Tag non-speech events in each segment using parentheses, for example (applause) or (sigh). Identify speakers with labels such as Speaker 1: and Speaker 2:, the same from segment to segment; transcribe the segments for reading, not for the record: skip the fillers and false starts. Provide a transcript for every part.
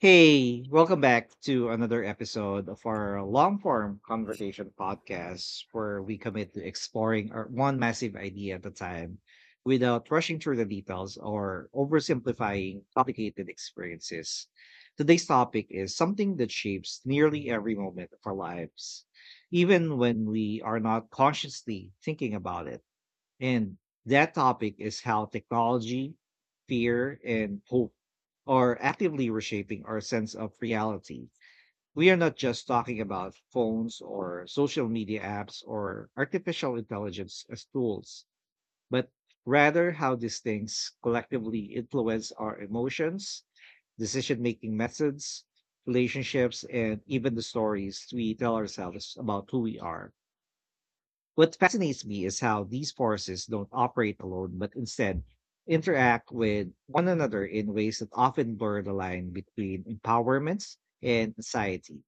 Speaker 1: Hey, welcome back to another episode of our long form conversation podcast where we commit to exploring our one massive idea at a time without rushing through the details or oversimplifying complicated experiences. Today's topic is something that shapes nearly every moment of our lives, even when we are not consciously thinking about it. And that topic is how technology, fear, and hope are actively reshaping our sense of reality. We are not just talking about phones or social media apps or artificial intelligence as tools, but rather how these things collectively influence our emotions, decision making methods, relationships, and even the stories we tell ourselves about who we are. What fascinates me is how these forces don't operate alone, but instead interact with one another in ways that often blur the line between empowerments and society.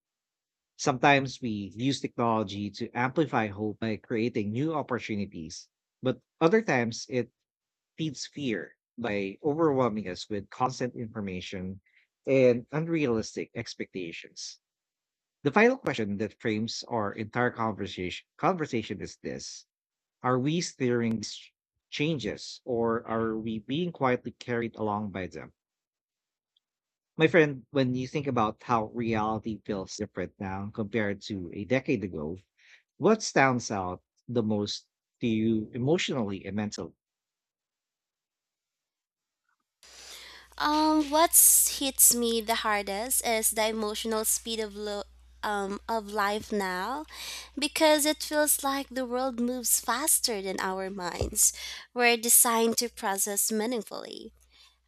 Speaker 1: Sometimes we use technology to amplify hope by creating new opportunities, but other times it feeds fear by overwhelming us with constant information and unrealistic expectations. The final question that frames our entire conversation is this: are we steering these changes, or are we being quietly carried along by them? My friend, when you think about how reality feels different now compared to a decade ago, what stands out the most to you emotionally and mentally?
Speaker 2: What hits me the hardest is the emotional speed of of life now, because it feels like the world moves faster than our minds. We're designed to process meaningfully.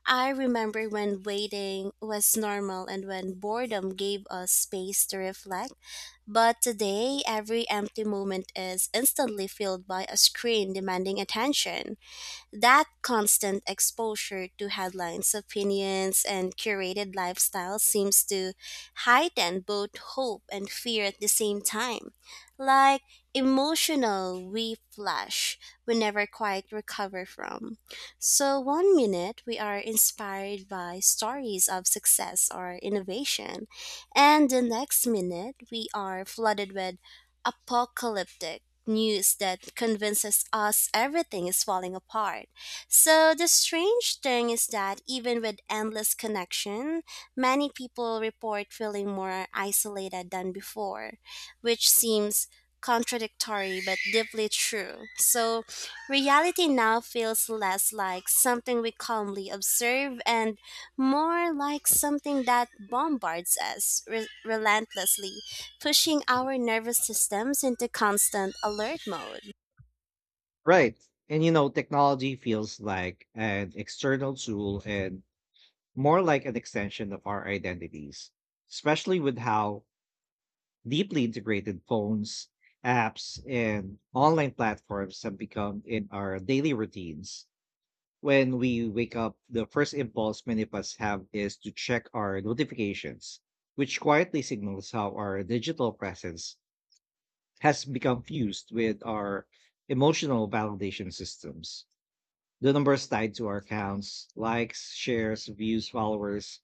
Speaker 2: I remember when waiting was normal and when boredom gave us space to reflect. But today, every empty moment is instantly filled by a screen demanding attention. That constant exposure to headlines, opinions, and curated lifestyles seems to heighten both hope and fear at the same time. Like emotional we flash we never quite recover from. So one minute we are inspired by stories of success or innovation, and the next minute we are flooded with apocalyptic news that convinces us everything is falling apart. So the strange thing is that even with endless connection, many people report feeling more isolated than before, which seems contradictory but deeply true. So reality now feels less like something we calmly observe and more like something that bombards us relentlessly pushing our nervous systems into constant alert mode.
Speaker 1: Right. And you know, technology feels like an external tool and more like an extension of our identities, especially with how deeply integrated phones, apps, and online platforms have become in our daily routines. When we wake up, the first impulse many of us have is to check our notifications, which quietly signals how our digital presence has become fused with our emotional validation systems. The numbers tied to our accounts, likes, shares, views, followers,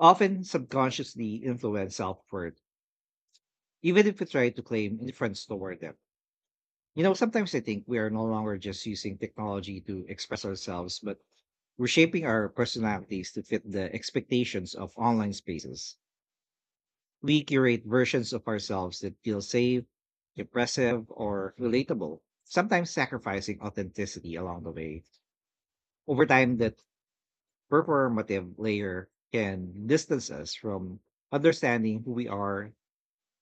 Speaker 1: often subconsciously influence self worth, even if we try to claim indifference toward them. You know, sometimes I think we are no longer just using technology to express ourselves, but we're shaping our personalities to fit the expectations of online spaces. We curate versions of ourselves that feel safe, impressive, or relatable, sometimes sacrificing authenticity along the way. Over time, that performative layer can distance us from understanding who we are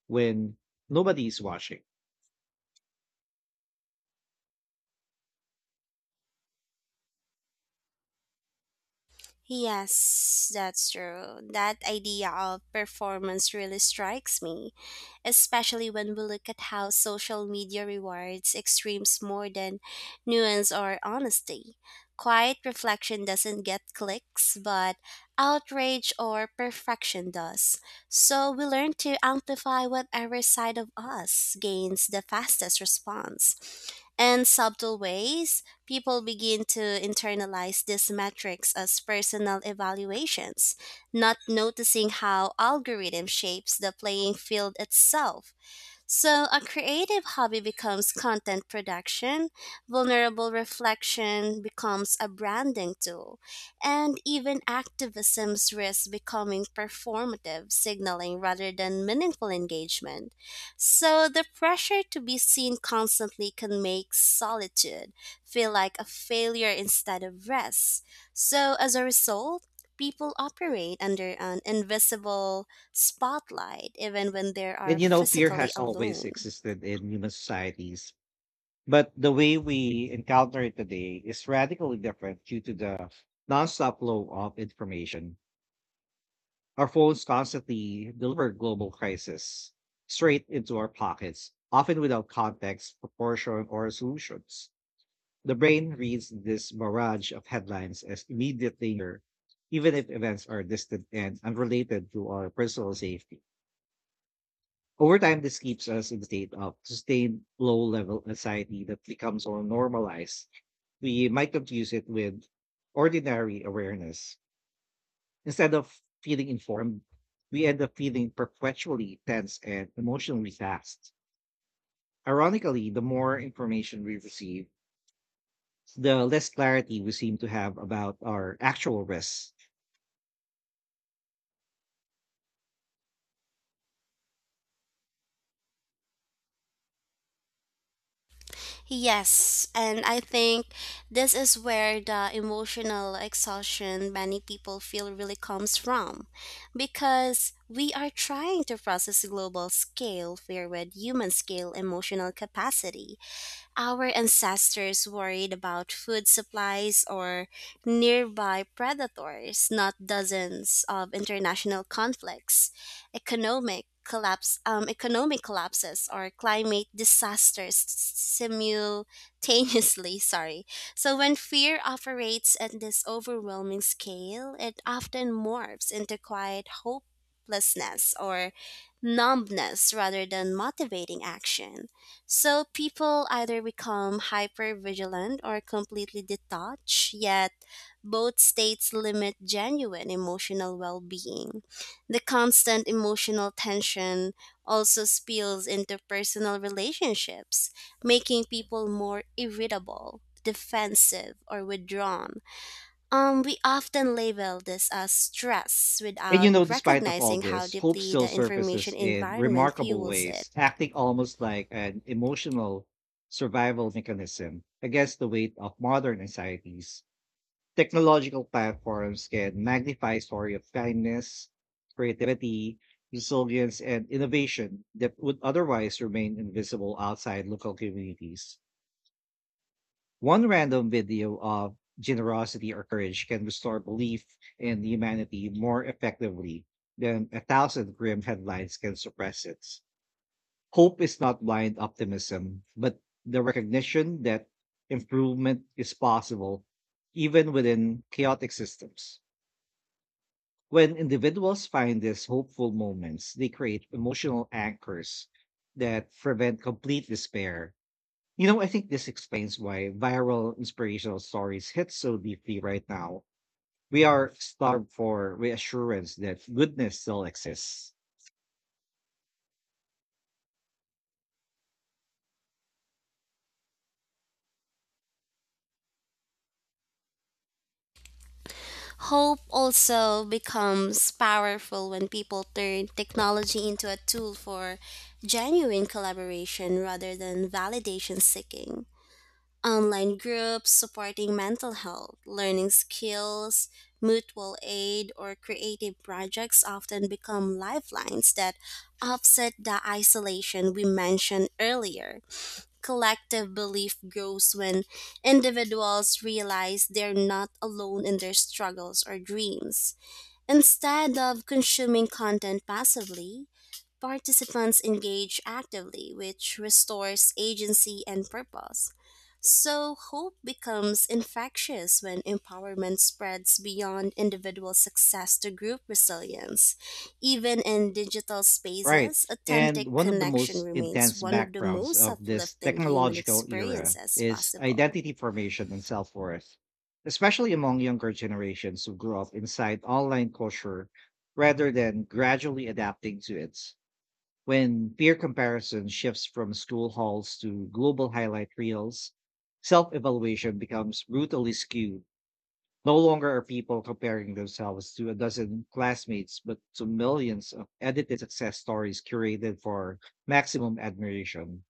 Speaker 1: when nobody is watching.
Speaker 2: Yes, that's true. That idea of performance really strikes me, especially when we look at how social media rewards extremes more than nuance or honesty. Quiet reflection doesn't get clicks, but outrage or perfection does. So we learn to amplify whatever side of us gains the fastest response. In subtle ways, people begin to internalize these metrics as personal evaluations, not noticing how algorithm shapes the playing field itself. So a creative hobby becomes content production, vulnerable reflection becomes a branding tool, and even activism's risks becoming performative signaling rather than meaningful engagement. So the pressure to be seen constantly can make solitude feel like a failure instead of rest. So, as a result, people operate under an invisible spotlight even when they are
Speaker 1: And you know, fear
Speaker 2: physically
Speaker 1: has always
Speaker 2: alone.
Speaker 1: existed in human societies. But the way we encounter it today is radically different due to the nonstop flow of information. Our phones constantly deliver global crisis straight into our pockets, often without context, proportion, or solutions. The brain reads this barrage of headlines as immediate danger, even if events are distant and unrelated to our personal safety. Over time, this keeps us in the state of sustained low level anxiety that becomes more normalized. We might confuse it with ordinary awareness. Instead of feeling informed, we end up feeling perpetually tense and emotionally fast. Ironically, the more information we receive, the less clarity we seem to have about our actual risks.
Speaker 2: Yes, and I think this is where the emotional exhaustion many people feel really comes from, because we are trying to process global scale where with human scale emotional capacity. Our ancestors worried about food supplies or nearby predators, not dozens of international conflicts, economic collapses, or climate disasters simultaneously. (laughs) Sorry. So when fear operates at this overwhelming scale, it often morphs into quiet hopelessness or numbness rather than motivating action. So people either become hyper vigilant or completely detached, yet both states limit genuine emotional well being. The constant emotional tension also spills into personal relationships, making people more irritable, defensive, or withdrawn. We often label this as stress
Speaker 1: And you
Speaker 2: without
Speaker 1: know, despite of all
Speaker 2: recognizing how
Speaker 1: this, hope
Speaker 2: deeply
Speaker 1: still
Speaker 2: the information
Speaker 1: surfaces in
Speaker 2: environment
Speaker 1: remarkable
Speaker 2: fuels it.
Speaker 1: ways, acting almost like an emotional survival mechanism against the weight of modern anxieties. Technological platforms can magnify story of kindness, creativity, resilience, and innovation that would otherwise remain invisible outside local communities. One random video of generosity or courage can restore belief in humanity more effectively than a thousand grim headlines can suppress it. Hope is not blind optimism, but the recognition that improvement is possible even within chaotic systems. When individuals find these hopeful moments, they create emotional anchors that prevent complete despair. You know, I think this explains why viral inspirational stories hit so deeply right now. We are starved for reassurance that goodness still exists.
Speaker 2: Hope also becomes powerful when people turn technology into a tool for genuine collaboration rather than validation seeking. Online groups supporting mental health, learning skills, mutual aid, or creative projects often become lifelines that offset the isolation we mentioned earlier. Collective belief grows when individuals realize they're not alone in their struggles or dreams. Instead of consuming content passively, participants engage actively, which restores agency and purpose. So hope becomes infectious when empowerment spreads beyond individual success to group resilience. Even in digital
Speaker 1: Right.
Speaker 2: spaces,
Speaker 1: And
Speaker 2: authentic
Speaker 1: one of the
Speaker 2: connection
Speaker 1: most
Speaker 2: remains
Speaker 1: intense
Speaker 2: one of the
Speaker 1: backgrounds
Speaker 2: most
Speaker 1: of this
Speaker 2: uplifting human
Speaker 1: technological era
Speaker 2: experiences
Speaker 1: is
Speaker 2: possible.
Speaker 1: identity formation and self worth, especially among younger generations who grew up inside online culture rather than gradually adapting to it. When peer comparison shifts from school halls to global highlight reels, self evaluation becomes brutally skewed. No longer are people comparing themselves to a dozen classmates, but to millions of edited success stories curated for maximum admiration.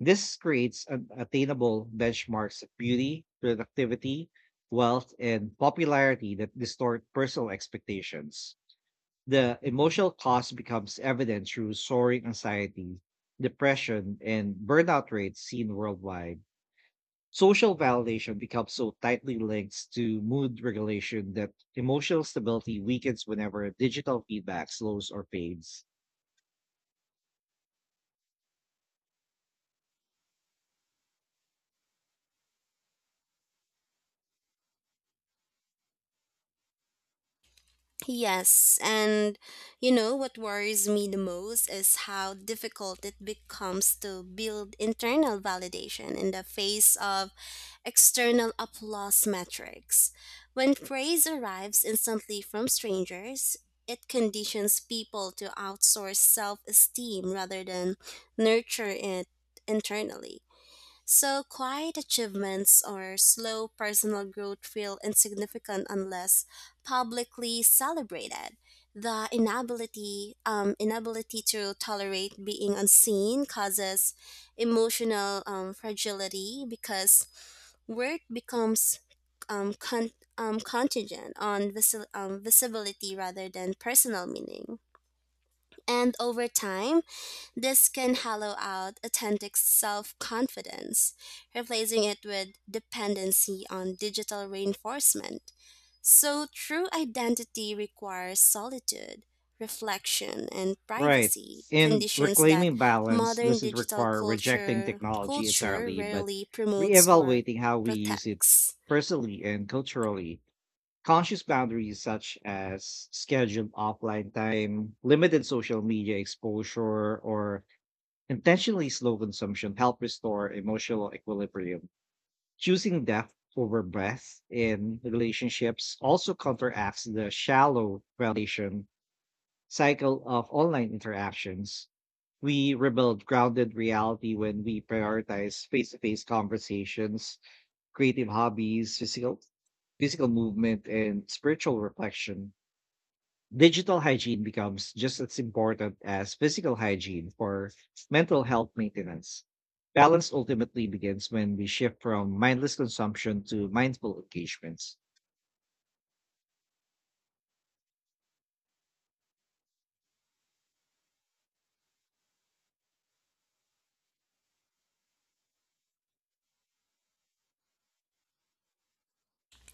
Speaker 1: This creates an attainable benchmarks of beauty, productivity, wealth, and popularity that distort personal expectations. The emotional cost becomes evident through soaring anxiety, depression, and burnout rates seen worldwide. Social validation becomes so tightly linked to mood regulation that emotional stability weakens whenever digital feedback slows or fades.
Speaker 2: Yes, and you know what worries me the most is how difficult it becomes to build internal validation in the face of external applause metrics. When praise arrives instantly from strangers, it conditions people to outsource self esteem rather than nurture it internally. So quiet achievements or slow personal growth feel insignificant unless publicly celebrated. The inability to tolerate being unseen causes emotional fragility, because worth becomes um, con- contingent on visibility rather than personal meaning. And over time, this can hollow out authentic self confidence, replacing it with dependency on digital reinforcement. So true identity requires solitude, reflection, and
Speaker 1: Right.
Speaker 2: privacy,
Speaker 1: And
Speaker 2: conditions that
Speaker 1: reclaiming balance
Speaker 2: modern
Speaker 1: doesn't require rejecting technology
Speaker 2: culture
Speaker 1: entirely, but
Speaker 2: rarely promotes or
Speaker 1: reevaluating how we use it
Speaker 2: protects.
Speaker 1: personally and culturally. Conscious boundaries such as scheduled offline time, limited social media exposure, or intentionally slow consumption help restore emotional equilibrium. Choosing depth over breadth in relationships also counteracts the shallow relation cycle of online interactions. We rebuild grounded reality when we prioritize face-to-face conversations, creative hobbies, physical movement, and spiritual reflection. Digital hygiene becomes just as important as physical hygiene for mental health maintenance. Balance ultimately begins when we shift from mindless consumption to mindful engagements.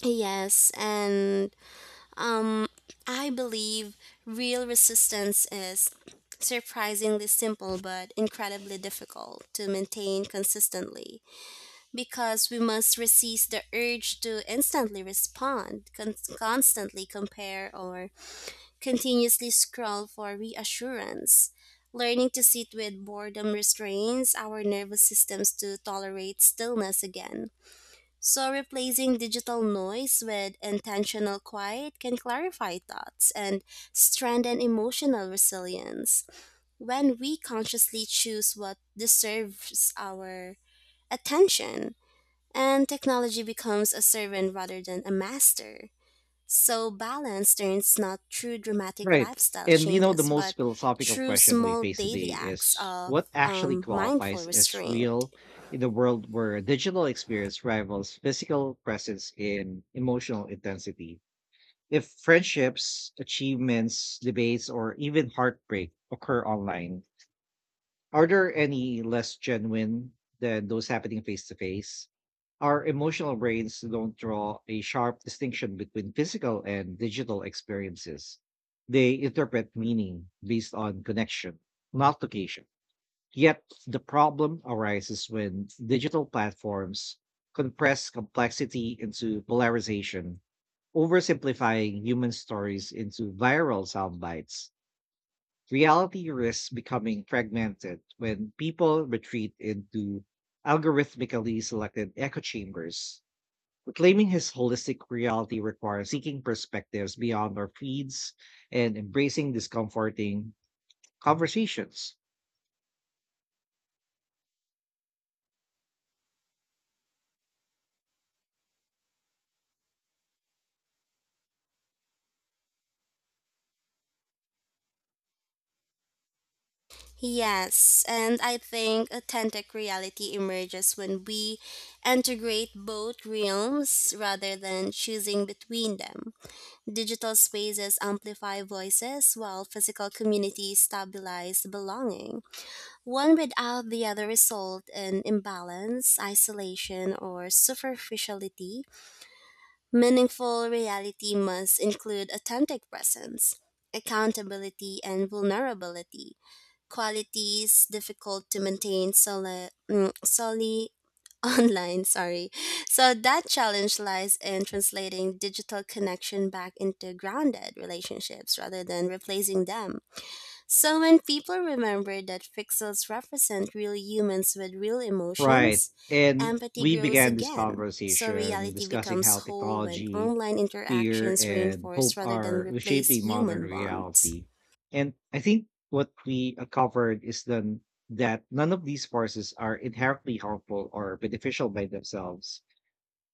Speaker 2: Yes, and Um, I believe real resistance is surprisingly simple but incredibly difficult to maintain consistently, because we must resist the urge to instantly respond, constantly compare, or continuously scroll for reassurance. Learning to sit with boredom restrains our nervous systems to tolerate stillness again, so replacing digital noise with intentional quiet can clarify thoughts and strengthen emotional resilience. When we consciously choose what deserves our attention, and technology becomes a servant rather than a master. So balance turns not through dramatic
Speaker 1: Right.
Speaker 2: lifestyle
Speaker 1: And you know, the
Speaker 2: changes,
Speaker 1: most
Speaker 2: but
Speaker 1: philosophical
Speaker 2: through
Speaker 1: question we
Speaker 2: small
Speaker 1: face
Speaker 2: daily
Speaker 1: today
Speaker 2: acts
Speaker 1: is
Speaker 2: of
Speaker 1: what actually
Speaker 2: mindful
Speaker 1: qualifies as
Speaker 2: restraint.
Speaker 1: real in a world where digital experience rivals physical presence in emotional intensity? If friendships, achievements, debates, or even heartbreak occur online, are there any less genuine than those happening face to face? Our emotional brains don't draw a sharp distinction between physical and digital experiences. They interpret meaning based on connection, not location. Yet the problem arises when digital platforms compress complexity into polarization, oversimplifying human stories into viral sound bites. Reality risks becoming fragmented when people retreat into algorithmically selected echo chambers. Reclaiming his holistic reality requires seeking perspectives beyond our feeds and embracing discomforting conversations.
Speaker 2: Yes, and I think authentic reality emerges when we integrate both realms rather than choosing between them. Digital spaces amplify voices while physical communities stabilize belonging. One without the other result in imbalance, isolation, or superficiality. Meaningful reality must include authentic presence, accountability, and vulnerability, qualities difficult to maintain solely (laughs) online. Sorry. So that challenge lies in translating digital connection back into grounded relationships rather than replacing them. So when people remember that pixels represent real humans with real
Speaker 1: Right.
Speaker 2: emotions,
Speaker 1: And
Speaker 2: empathy
Speaker 1: we
Speaker 2: grows
Speaker 1: began this
Speaker 2: again. So
Speaker 1: conversation
Speaker 2: reality
Speaker 1: discussing
Speaker 2: becomes
Speaker 1: how
Speaker 2: whole when
Speaker 1: technology,
Speaker 2: online
Speaker 1: fear,
Speaker 2: interactions
Speaker 1: and
Speaker 2: reinforce
Speaker 1: hope
Speaker 2: rather than
Speaker 1: are
Speaker 2: replace
Speaker 1: reshaping modern
Speaker 2: human bonds.
Speaker 1: reality. And I think what we covered is then that none of these forces are inherently harmful or beneficial by themselves.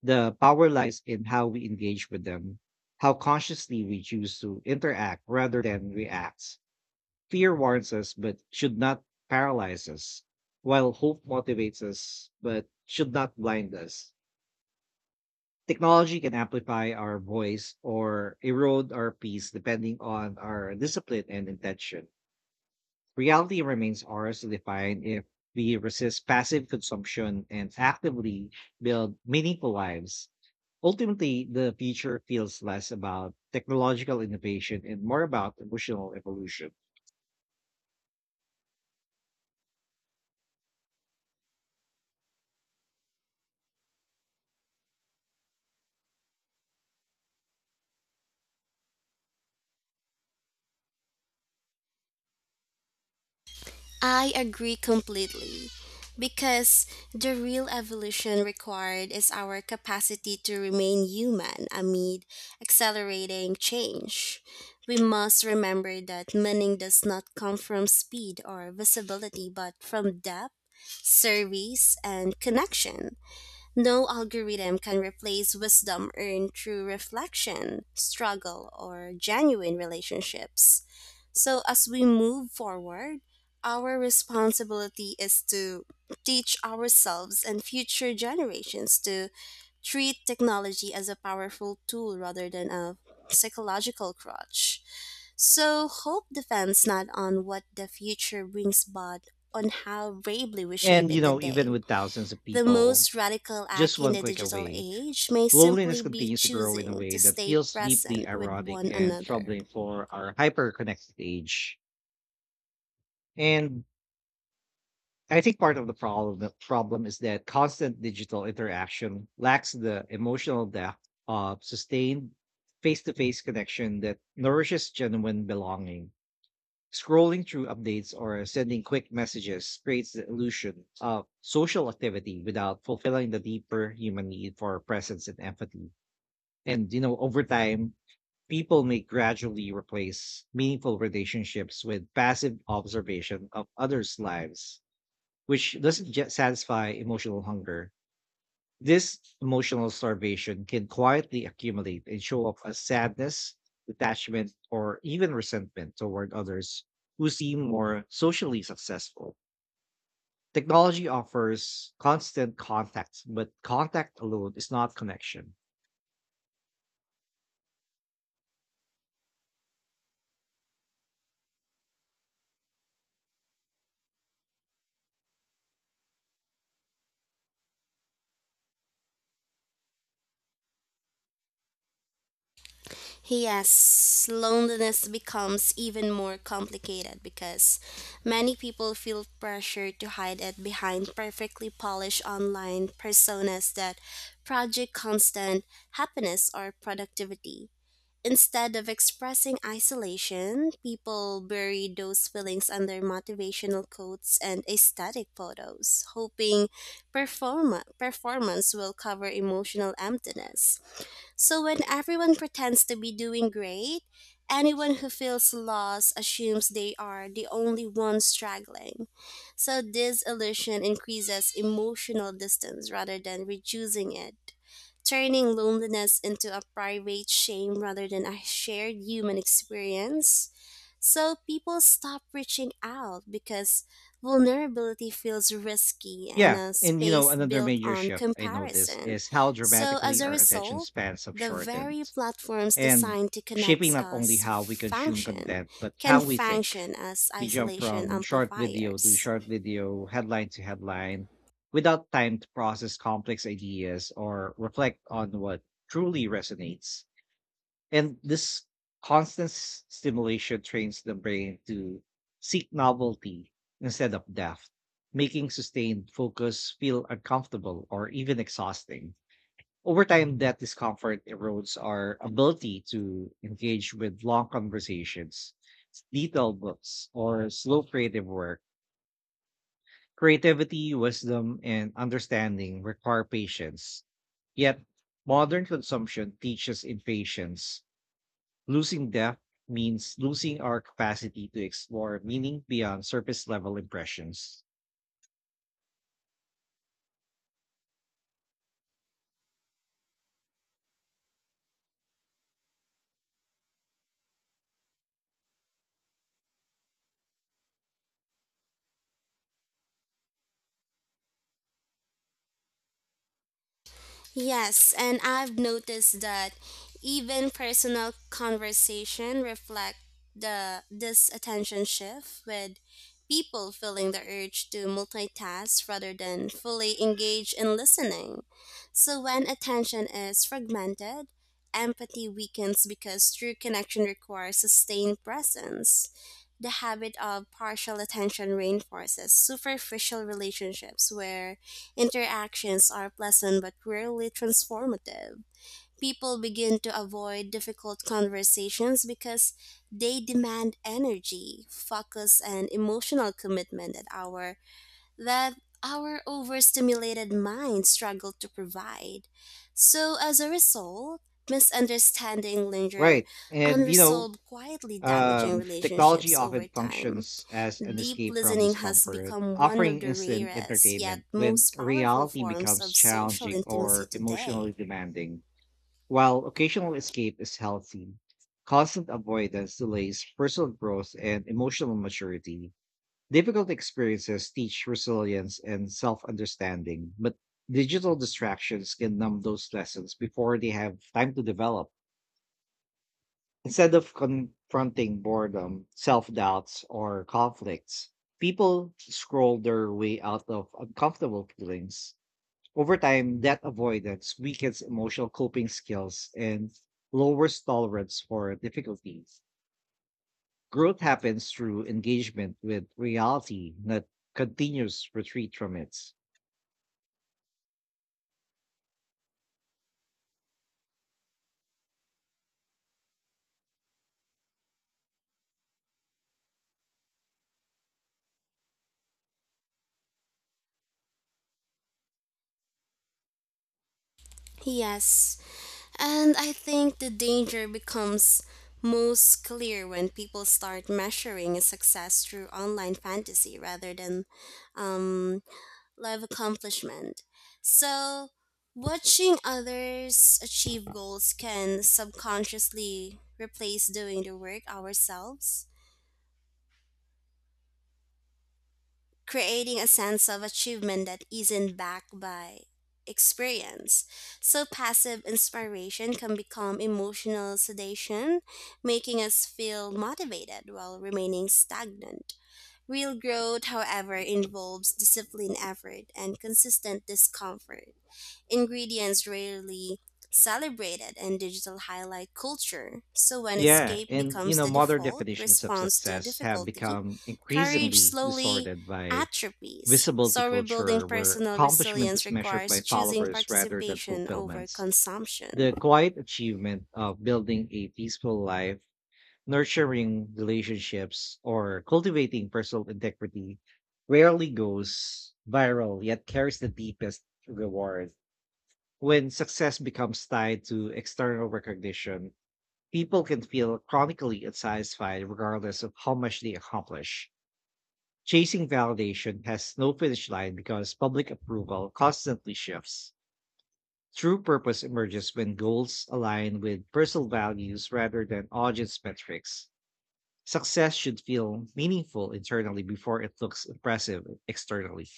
Speaker 1: The power lies in how we engage with them, how consciously we choose to interact rather than react. Fear warns us but should not paralyze us, while hope motivates us but should not blind us. Technology can amplify our voice or erode our peace depending on our discipline and intention. Reality remains ours to define if we resist passive consumption and actively build meaningful lives. Ultimately, the future feels less about technological innovation and more about emotional evolution.
Speaker 2: I agree completely, because the real evolution required is our capacity to remain human amid accelerating change. We must remember that meaning does not come from speed or visibility but from depth, service, and connection. No algorithm can replace wisdom earned through reflection, struggle, or genuine relationships. So, as we move forward, our responsibility is to teach ourselves and future generations to treat technology as a powerful tool rather than a psychological crutch. So hope depends not on what the future brings, but on how bravely we shape
Speaker 1: And, you
Speaker 2: it
Speaker 1: know, even
Speaker 2: today.
Speaker 1: with thousands of
Speaker 2: The
Speaker 1: people
Speaker 2: most radical
Speaker 1: just
Speaker 2: act in
Speaker 1: one
Speaker 2: the
Speaker 1: click
Speaker 2: digital
Speaker 1: away,
Speaker 2: age may
Speaker 1: loneliness
Speaker 2: simply be
Speaker 1: continues to grow in a
Speaker 2: choosing to
Speaker 1: way that
Speaker 2: stay
Speaker 1: feels deeply
Speaker 2: present with
Speaker 1: ironic
Speaker 2: one
Speaker 1: and
Speaker 2: another.
Speaker 1: troubling for our hyper-connected age. And I think part of the problem is that constant digital interaction lacks the emotional depth of sustained face-to-face connection that nourishes genuine belonging. Scrolling through updates or sending quick messages creates the illusion of social activity without fulfilling the deeper human need for presence and empathy. And you know, over time, people may gradually replace meaningful relationships with passive observation of others' lives, which doesn't just satisfy emotional hunger. This emotional starvation can quietly accumulate and show up as sadness, detachment, or even resentment toward others who seem more socially successful. Technology offers constant contact, but contact alone is not connection.
Speaker 2: Yes, loneliness becomes even more complicated because many people feel pressure to hide it behind perfectly polished online personas that project constant happiness or productivity. Instead of expressing isolation, people buried those feelings under motivational quotes and aesthetic photos, hoping performance will cover emotional emptiness. So when everyone pretends to be doing great, anyone who feels lost assumes they are the only one struggling. So this illusion increases emotional distance rather than reducing it, turning loneliness into a private shame rather than a shared human experience. So people stop reaching out because vulnerability feels risky and
Speaker 1: Yeah.
Speaker 2: a
Speaker 1: And you know,
Speaker 2: space
Speaker 1: another
Speaker 2: built
Speaker 1: major
Speaker 2: on
Speaker 1: shift I noticed
Speaker 2: comparison.
Speaker 1: is how
Speaker 2: So, as
Speaker 1: dramatically
Speaker 2: a
Speaker 1: our attention
Speaker 2: result,
Speaker 1: spans have
Speaker 2: the
Speaker 1: shortened,
Speaker 2: very platforms
Speaker 1: and
Speaker 2: designed to
Speaker 1: shaping
Speaker 2: connect
Speaker 1: not only
Speaker 2: us
Speaker 1: how we consume
Speaker 2: function
Speaker 1: content, but
Speaker 2: can
Speaker 1: how we think.
Speaker 2: function as
Speaker 1: We jump
Speaker 2: isolation
Speaker 1: from short video to
Speaker 2: amplifiers.
Speaker 1: short video, headline to headline, without time to process complex ideas or reflect on what truly resonates. And this constant stimulation trains the brain to seek novelty instead of depth, making sustained focus feel uncomfortable or even exhausting. Over time, that discomfort erodes our ability to engage with long conversations, detailed books, or slow creative work. Creativity, wisdom, and understanding require patience. Yet, modern consumption teaches impatience. Losing depth means losing our capacity to explore meaning beyond surface level impressions.
Speaker 2: Yes, and I've noticed that even personal conversation reflect the this attention shift, with people feeling the urge to multitask rather than fully engage in listening. So when attention is fragmented, empathy weakens because true connection requires sustained presence. The habit of partial attention reinforces superficial relationships where interactions are pleasant but rarely transformative. People begin to avoid difficult conversations because they demand energy, focus, and emotional commitment that that our overstimulated minds struggle to provide. So, as a result, misunderstanding linger
Speaker 1: Right. And you know,
Speaker 2: unresolved, quietly damaging
Speaker 1: technology
Speaker 2: relationships
Speaker 1: often
Speaker 2: over time.
Speaker 1: functions as an
Speaker 2: Deep
Speaker 1: escape from
Speaker 2: listening has
Speaker 1: discomfort,
Speaker 2: become one of
Speaker 1: offering
Speaker 2: the
Speaker 1: instant
Speaker 2: rarest yet
Speaker 1: entertainment when
Speaker 2: most powerful
Speaker 1: reality
Speaker 2: forms
Speaker 1: becomes
Speaker 2: of social
Speaker 1: challenging
Speaker 2: intimacy
Speaker 1: or
Speaker 2: today.
Speaker 1: emotionally demanding. While occasional escape is healthy, constant avoidance delays personal growth and emotional maturity. Difficult experiences teach resilience and self understanding, but digital distractions can numb those lessons before they have time to develop. Instead of confronting boredom, self doubts, or conflicts, people scroll their way out of uncomfortable feelings. Over time, that avoidance weakens emotional coping skills and lowers tolerance for difficulties. Growth happens through engagement with reality, not continuous retreat from it.
Speaker 2: Yes, and I think the danger becomes most clear when people start measuring success through online fantasy rather than um, live accomplishment. So watching others achieve goals can subconsciously replace doing the work ourselves, creating a sense of achievement that isn't backed by experience. So passive inspiration can become emotional sedation, making us feel motivated while remaining stagnant. Real growth, however, involves disciplined effort and consistent discomfort. Ingredients rarely celebrated and digital highlight culture. So when
Speaker 1: Yeah,
Speaker 2: escape
Speaker 1: and you
Speaker 2: becomes
Speaker 1: know,
Speaker 2: the
Speaker 1: modern
Speaker 2: default
Speaker 1: definitions of
Speaker 2: response to
Speaker 1: success have
Speaker 2: difficulty,
Speaker 1: become
Speaker 2: courage
Speaker 1: increasingly
Speaker 2: slowly
Speaker 1: distorted by
Speaker 2: atrophies.
Speaker 1: visibility
Speaker 2: So rebuilding
Speaker 1: culture, where
Speaker 2: personal
Speaker 1: accomplishment
Speaker 2: resilience
Speaker 1: is measured
Speaker 2: requires
Speaker 1: by
Speaker 2: choosing
Speaker 1: followers rather than
Speaker 2: participation over
Speaker 1: fulfillments.
Speaker 2: consumption.
Speaker 1: The quiet achievement of building a peaceful life, nurturing relationships, or cultivating personal integrity rarely goes viral, yet carries the deepest reward. When success becomes tied to external recognition, people can feel chronically unsatisfied regardless of how much they accomplish. Chasing validation has no finish line because public approval constantly shifts. True purpose emerges when goals align with personal values rather than audience metrics. Success should feel meaningful internally before it looks impressive externally.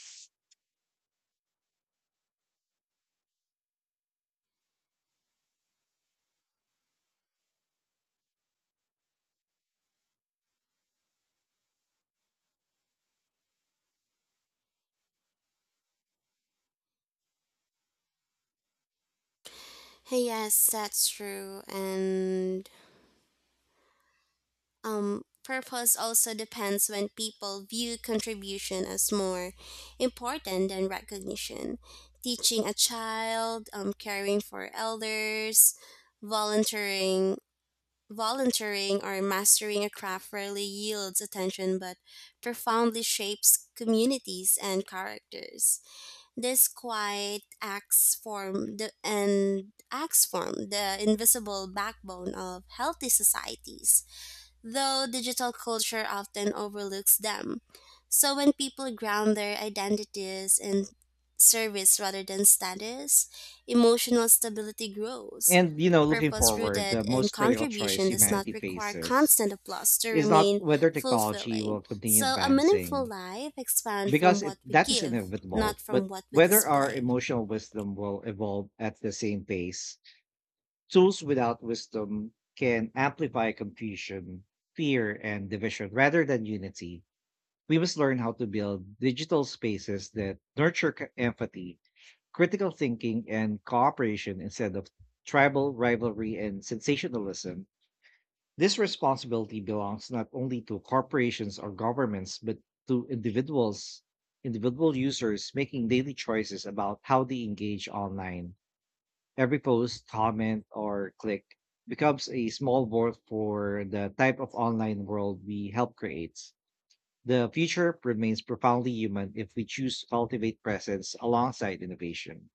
Speaker 2: Yes, that's true. And purpose also depends when people view contribution as more important than recognition. Teaching a child, caring for elders, volunteering, volunteering or mastering a craft rarely yields attention but profoundly shapes communities and characters. These quiet acts form the invisible backbone of healthy societies, though digital culture often overlooks them. So when people ground their identities in service rather than status, emotional stability grows.
Speaker 1: And, you know, looking
Speaker 2: Purpose
Speaker 1: forward,
Speaker 2: rooted
Speaker 1: the
Speaker 2: in
Speaker 1: most critical choice
Speaker 2: contribution does not
Speaker 1: humanity
Speaker 2: require
Speaker 1: faces
Speaker 2: constant applause to
Speaker 1: is not
Speaker 2: remain
Speaker 1: whether technology
Speaker 2: fulfilling.
Speaker 1: will continue
Speaker 2: So a meaningful
Speaker 1: advancing,
Speaker 2: life expands from
Speaker 1: because
Speaker 2: what
Speaker 1: it,
Speaker 2: we
Speaker 1: that is
Speaker 2: give, not
Speaker 1: inevitable,
Speaker 2: from
Speaker 1: but
Speaker 2: what we
Speaker 1: whether our
Speaker 2: display.
Speaker 1: emotional wisdom will evolve at the same pace. Tools without wisdom can amplify confusion, fear, and division rather than unity. We must learn how to build digital spaces that nurture empathy, critical thinking, and cooperation instead of tribal rivalry and sensationalism. This responsibility belongs not only to corporations or governments, but to individuals, individual users making daily choices about how they engage online. Every post, comment, or click becomes a small vote for the type of online world we help create. The future remains profoundly human if we choose to cultivate presence alongside innovation.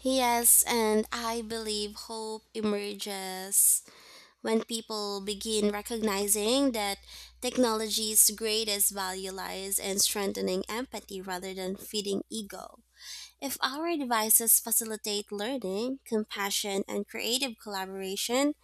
Speaker 2: Yes, and I believe hope emerges when people begin recognizing that technology's greatest value lies in strengthening empathy rather than feeding ego. If our devices facilitate learning, compassion, and creative collaboration,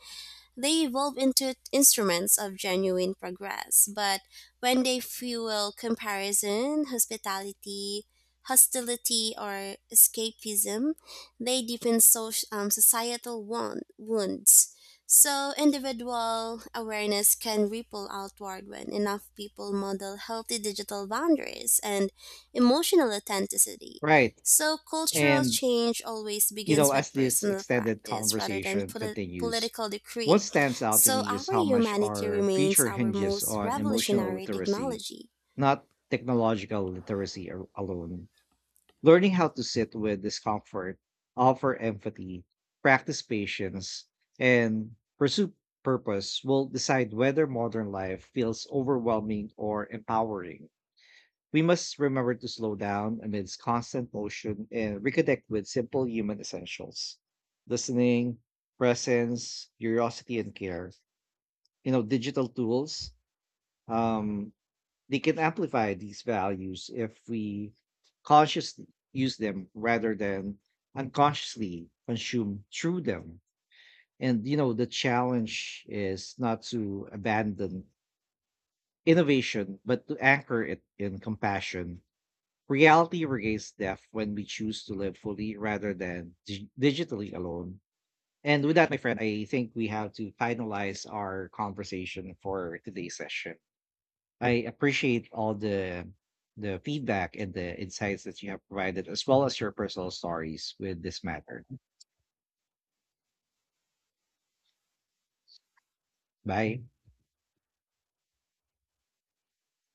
Speaker 2: they evolve into instruments of genuine progress, but when they fuel comparison, hostility, or escapism, they deepen social, societal wounds. So individual awareness can ripple outward when enough people model healthy digital boundaries and emotional authenticity.
Speaker 1: Right.
Speaker 2: So cultural
Speaker 1: And
Speaker 2: change always
Speaker 1: you know,
Speaker 2: begins
Speaker 1: as
Speaker 2: with
Speaker 1: this
Speaker 2: personal
Speaker 1: extended
Speaker 2: practice rather than
Speaker 1: conversation continues,
Speaker 2: political decree.
Speaker 1: what stands out to
Speaker 2: So
Speaker 1: me is
Speaker 2: our
Speaker 1: how much
Speaker 2: humanity
Speaker 1: our
Speaker 2: remains
Speaker 1: future
Speaker 2: our
Speaker 1: hinges
Speaker 2: most
Speaker 1: on emotional
Speaker 2: revolutionary
Speaker 1: literacy,
Speaker 2: technology.
Speaker 1: not technological literacy alone. Learning how to sit with discomfort, offer empathy, practice patience, and pursue purpose will decide whether modern life feels overwhelming or empowering. We must remember to slow down amidst constant motion and reconnect with simple human essentials: listening, presence, curiosity, and care. You know, digital tools, um, they can amplify these values if we consciously use them rather than unconsciously consume through them. And, you know, the challenge is not to abandon innovation, but to anchor it in compassion. Reality regains depth when we choose to live fully rather than digitally alone. And with that, my friend, I think we have to finalize our conversation for today's session. I appreciate all the feedback and the insights that you have provided, as well as your personal stories with this matter. Bye.